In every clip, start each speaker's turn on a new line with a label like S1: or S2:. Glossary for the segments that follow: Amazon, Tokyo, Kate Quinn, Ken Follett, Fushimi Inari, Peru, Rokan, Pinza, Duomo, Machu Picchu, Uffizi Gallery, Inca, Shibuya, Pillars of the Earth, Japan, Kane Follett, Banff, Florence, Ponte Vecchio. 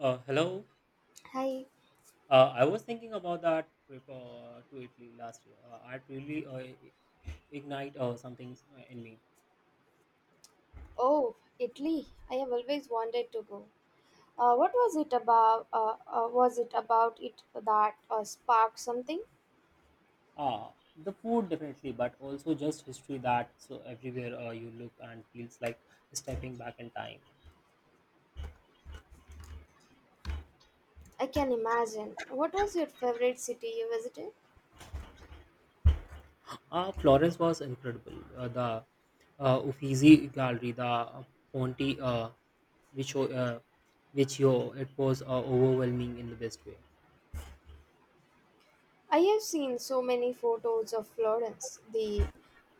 S1: Hello.
S2: Hi.
S1: I was thinking about that trip to Italy last year. It really ignite something in me.
S2: Oh, Italy. I have always wanted to go. What was it about? Was it about it that sparked something?
S1: The food definitely, but also just history that so everywhere you look and feels like stepping back in time.
S2: I can imagine. What was your favorite city you visited?
S1: Florence was incredible. The Uffizi Gallery, the Ponte Vecchio, uh, Vecchio, it was overwhelming in the best way.
S2: I have seen so many photos of Florence. The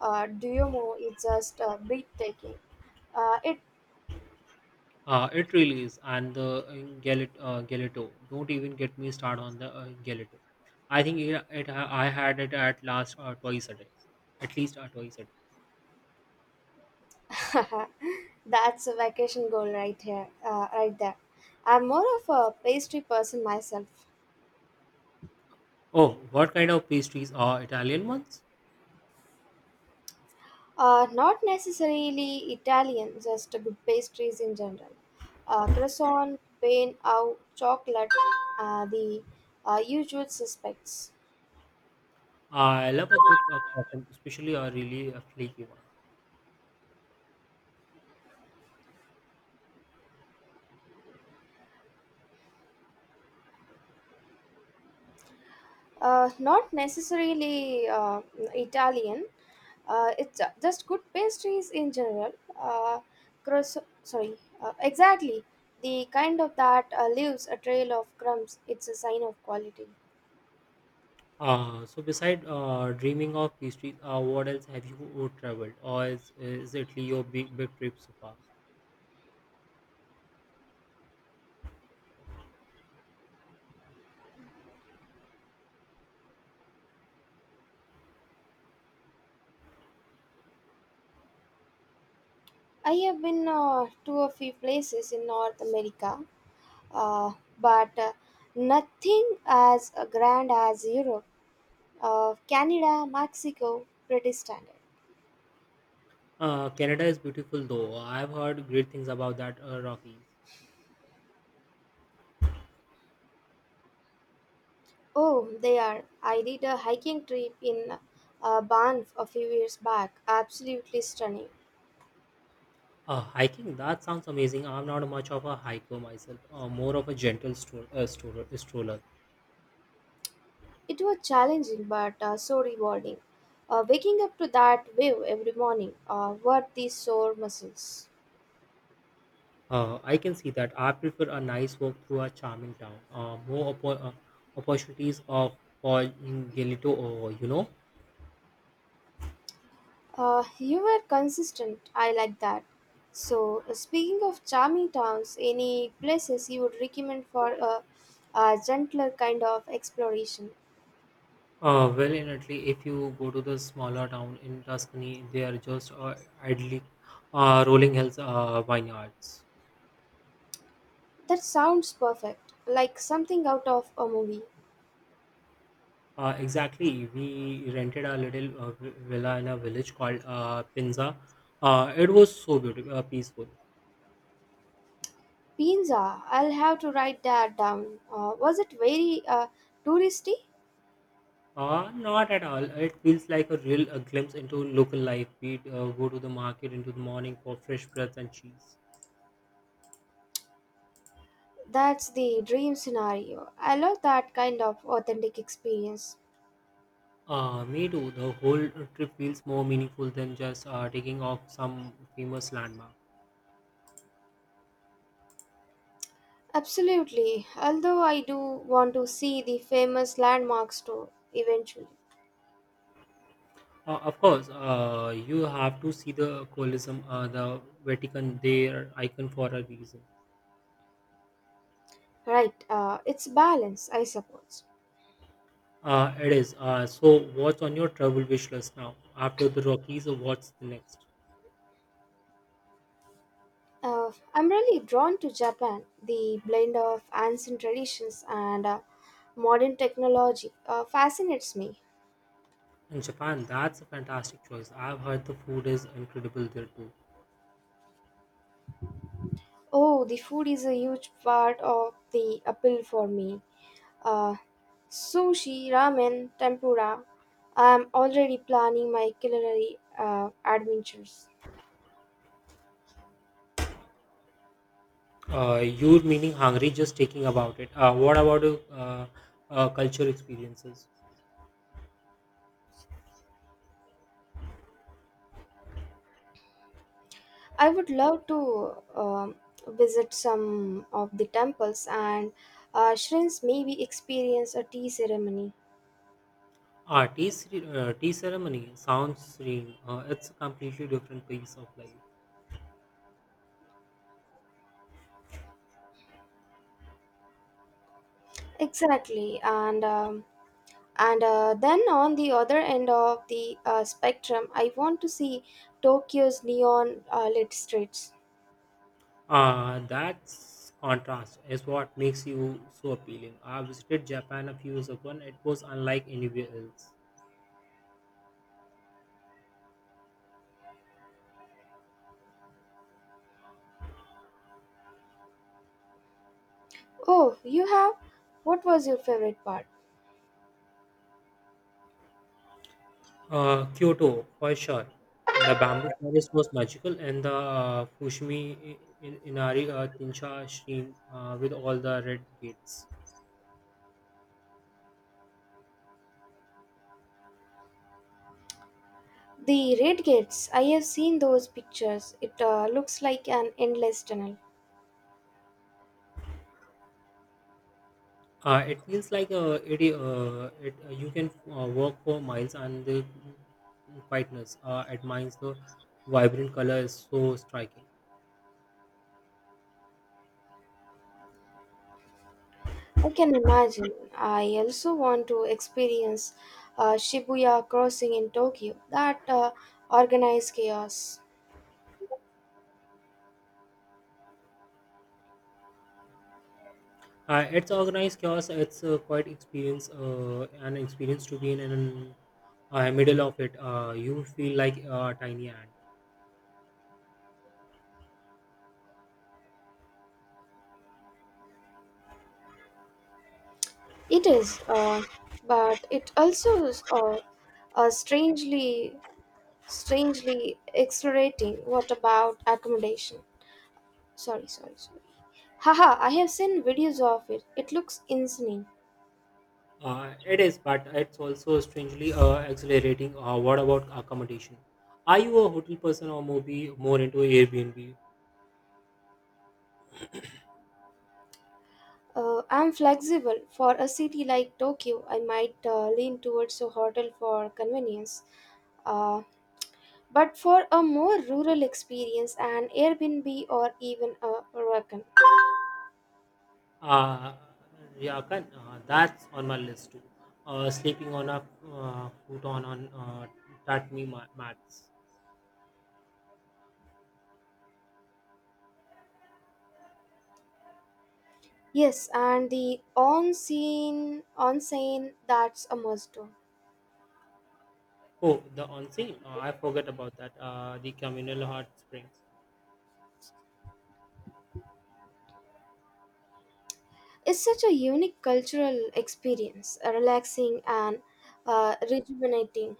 S2: Duomo is just breathtaking. It
S1: It really is, and the Galato. Don't even get me started on the Galato. I think I had it at last twice a day, at least twice a day.
S2: that's a vacation goal right here, right there. I'm more of a pastry person myself.
S1: Oh, what kind of pastries are Italian ones?
S2: Not necessarily Italian, just good pastries in general. Croissant, pain, au, chocolate, the usual suspects.
S1: I love a good croissant, especially a really a flaky one.
S2: Not necessarily Italian, it's just good pastries in general. Croissant, sorry, exactly. The kind of that leaves a trail of crumbs, it's a sign of quality.
S1: So beside dreaming of pastries, what else have you traveled, or is Italy your big trip so far?
S2: I have been to a few places in North America uh, but nothing as grand as Europe, Canada, Mexico, pretty standard.
S1: Canada is beautiful though. I've heard great things about that Rockies.
S2: Oh, they are. I did a hiking trip in Banff a few years back. Absolutely stunning.
S1: Hiking, that sounds amazing. I'm not much of a hiker myself, more of a gentle stroll, stroller.
S2: It was challenging but so rewarding. Waking up to that view every morning worth the sore muscles.
S1: I can see that. I prefer a nice walk through a charming town. More opportunities of for Gelito, or you know.
S2: You were consistent. I like that. So speaking of charming towns, any places you would recommend for a gentler kind of exploration?
S1: Well, in Italy, if you go to the smaller town in Tuscany, they are just idly rolling hills, vineyards.
S2: That sounds perfect, like something out of a movie.
S1: Exactly. We rented a little villa in a village called Pinza. It was so beautiful, peaceful.
S2: Pinza, I'll have to write that down. Was it very touristy?
S1: Not at all. It feels like a real glimpse into local life. We go to the market into the morning for fresh breads and cheese.
S2: That's the dream scenario. I love that kind of authentic experience.
S1: Me too. The whole trip feels more meaningful than just taking off some famous landmark.
S2: Absolutely, although I do want to see the famous landmarks too eventually.
S1: Of course, you have to see the Colosseum, the Vatican, their icon for a reason.
S2: Right, it's balance, I suppose.
S1: It is. So what's on your travel wish list now? After the Rockies, what's the next?
S2: I'm really drawn to Japan, the blend of ancient traditions and modern technology fascinates me.
S1: In Japan, that's a fantastic choice. I've heard the food is incredible there too.
S2: Oh, the food is a huge part of the appeal for me. Uh, Sushi, ramen, tempura. I'm already planning my culinary adventures.
S1: You're meaning hungry just thinking about it. What about uh, culture experiences?
S2: I would love to visit some of the temples and shrines, maybe experience a tea ceremony.
S1: Ah, tea ceremony sounds serene. It's a completely different piece of life.
S2: Exactly, and then on the other end of the spectrum, I want to see Tokyo's neon lit streets.
S1: That's contrast is what makes you so appealing. I visited Japan a few years ago and it was unlike anywhere else.
S2: Oh, you have? What was your favorite part?
S1: Kyoto, for sure. The bamboo forest was magical, and the Inari Tinsha Shrine with all the red gates.
S2: The red gates. I have seen those pictures. It looks like an endless tunnel.
S1: It feels like you can walk for miles, and the quietness admires the vibrant color is so striking.
S2: I can imagine. I also want to experience Shibuya crossing in Tokyo. That organized chaos.
S1: It's organized chaos. It's an experience to be in, and middle of it, you feel like a tiny ant.
S2: It is, but it also is, strangely, strangely exhilarating. What about accommodation? Sorry, sorry, sorry. Haha, I have seen videos of it. It looks insane.
S1: It is, but it's also strangely accelerating. What about accommodation? Are you a hotel person or maybe more into Airbnb?
S2: I'm flexible. For a city like Tokyo, I might lean towards a hotel for convenience. Uh, But for a more rural experience, an Airbnb or even a Rokan.
S1: Uh, yeah, can, that's on my list too. Sleeping on a futon on tatami mats.
S2: Yes, and the on-scene, that's a must do.
S1: Oh, the onsen. I forgot about that. The communal hot spring.
S2: It's such a unique cultural experience, relaxing and rejuvenating.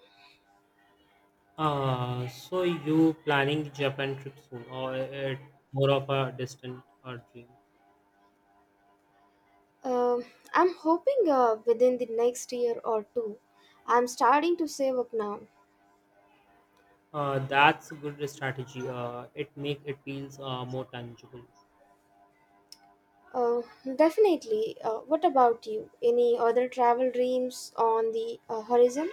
S1: So you planning Japan trip soon, or it more of a distant dream?
S2: Um I'm hoping within the next year or two. I'm starting to save up now.
S1: That's a good strategy. It make it feels more tangible.
S2: Uh, Definitely. What about you? Any other travel dreams on the horizon?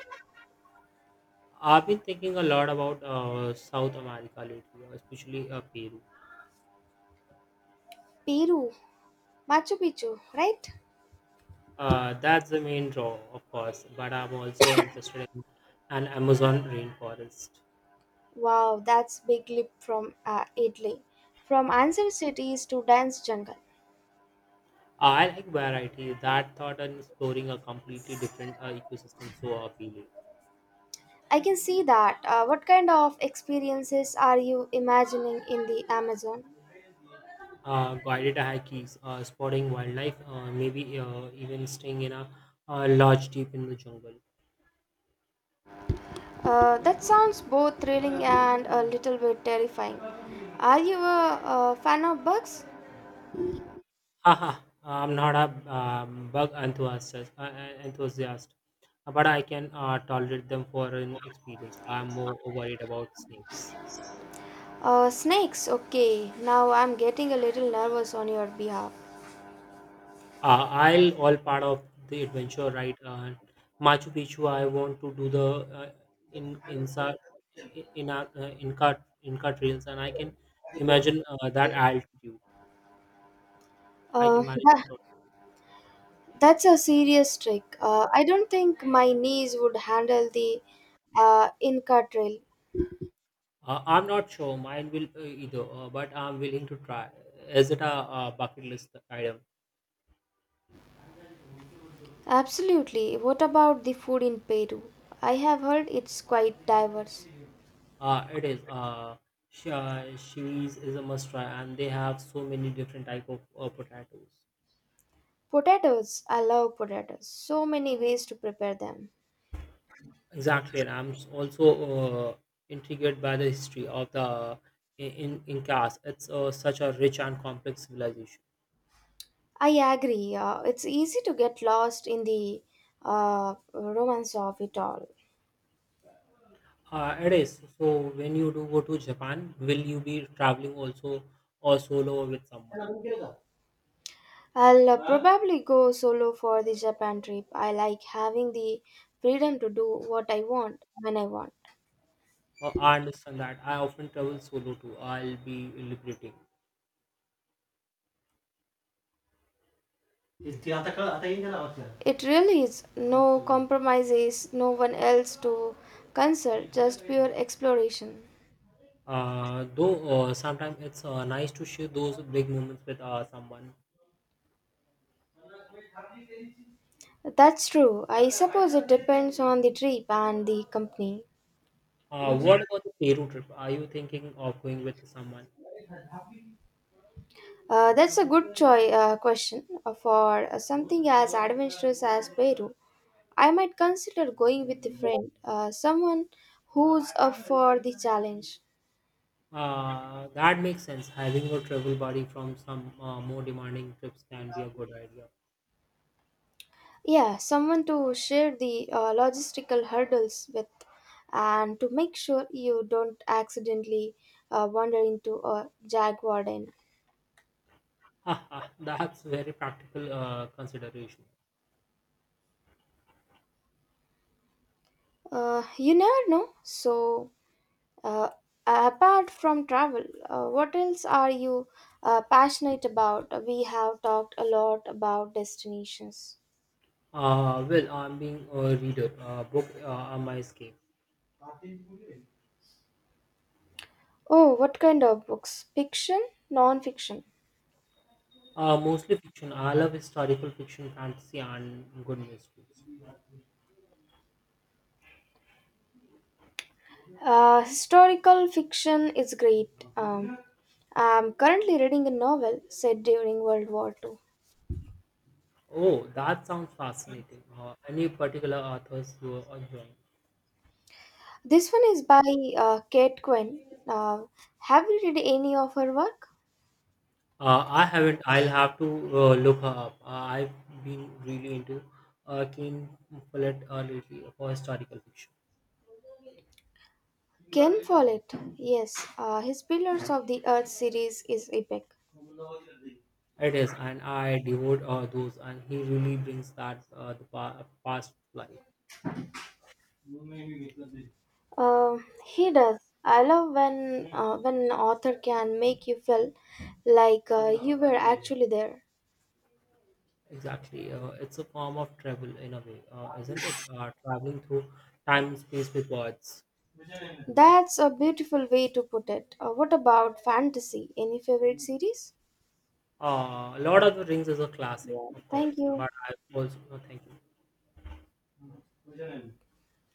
S1: I've been thinking a lot about South America lately, especially Peru.
S2: Peru, Machu Picchu, right?
S1: That's the main draw, of course, but I'm also interested in an Amazon rainforest.
S2: Wow, that's big leap from Italy, from ancient cities to dense jungle.
S1: I like variety. That thought and exploring a completely different ecosystem so appealing.
S2: I can see that. What kind of experiences are you imagining in the Amazon?
S1: Guided hikes, spotting wildlife, maybe even staying in a lodge deep in the jungle.
S2: That sounds both thrilling and a little bit terrifying. Are you a fan of bugs?
S1: Haha, I'm not a bug enthusiast, enthusiast, but I can tolerate them for an experience. I'm more worried about snakes.
S2: Snakes, okay. Now I'm getting a little nervous on your behalf.
S1: I'll all part of the adventure, right? Machu Picchu. I want to do the uh, in insa in Inca trails, and I can imagine that altitude. I
S2: Uh,
S1: can manage
S2: that,
S1: that. All.
S2: that's a serious trick. I don't think my knees would handle the Inca trail.
S1: I'm not sure mine will either, but I'm willing to try. Is it a, bucket list item?
S2: Absolutely. What about the food in Peru? I have heard it's quite diverse.
S1: It is. Cheese is a must try, and they have so many different type of potatoes.
S2: Potatoes, I love potatoes. So many ways to prepare them.
S1: Exactly, and I'm also intrigued by the history of the in Incas. It's such a rich and complex civilization.
S2: I agree. It's easy to get lost in the romance of it all.
S1: It is. So when you do go to Japan, will you be traveling also or solo or with someone?
S2: I'll probably go solo for the Japan trip. I like having the freedom to do what I want when I want.
S1: I understand that. I often travel solo too. I'll be liberating.
S2: It really is no compromises, no one else to concern, just pure exploration.
S1: Though sometimes it's nice to share those big moments with someone.
S2: That's true. I suppose it depends on the trip and the company.
S1: What about the Peru trip? Are you thinking of going with someone?
S2: That's a good choice question for something as adventurous as Peru. I might consider going with a friend, someone who's up for the challenge.
S1: That makes sense. Having your travel buddy from some more demanding trips can be a good idea.
S2: Yeah, someone to share the logistical hurdles with and to make sure you don't accidentally wander into a jaguar den.
S1: Ha, ha, that's very practical consideration.
S2: You never know. So, uh, apart from travel, what else are you passionate about? We have talked a lot about destinations.
S1: Well, I'm being a reader. Book are my escape.
S2: Oh, what kind of books? Fiction, non fiction?
S1: Mostly fiction. I love historical fiction, fantasy, and good mystery.
S2: Historical fiction is great. I'm currently reading a novel set during World War II.
S1: Oh, that sounds fascinating. Any particular authors you are enjoying?
S2: This one is by Kate Quinn. Have you read any of her work?
S1: I haven't. I'll have to look her up. I've been really into Kane Follett lately for historical fiction.
S2: Ken Follett, yes. His Pillars of the Earth series is epic.
S1: It is, and I devote those, and he really brings that past life.
S2: Uh, he does. I love when when an author can make you feel like you were actually there.
S1: Exactly. It's a form of travel in a way, isn't it? Traveling through time and space with words.
S2: That's a beautiful way to put it. What about fantasy? Any favorite series?
S1: Lord of the Rings is a classic,
S2: Yeah,
S1: of
S2: thank
S1: course, but
S2: you.
S1: I also, oh, thank you.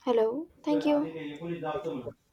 S2: Hello, thank you.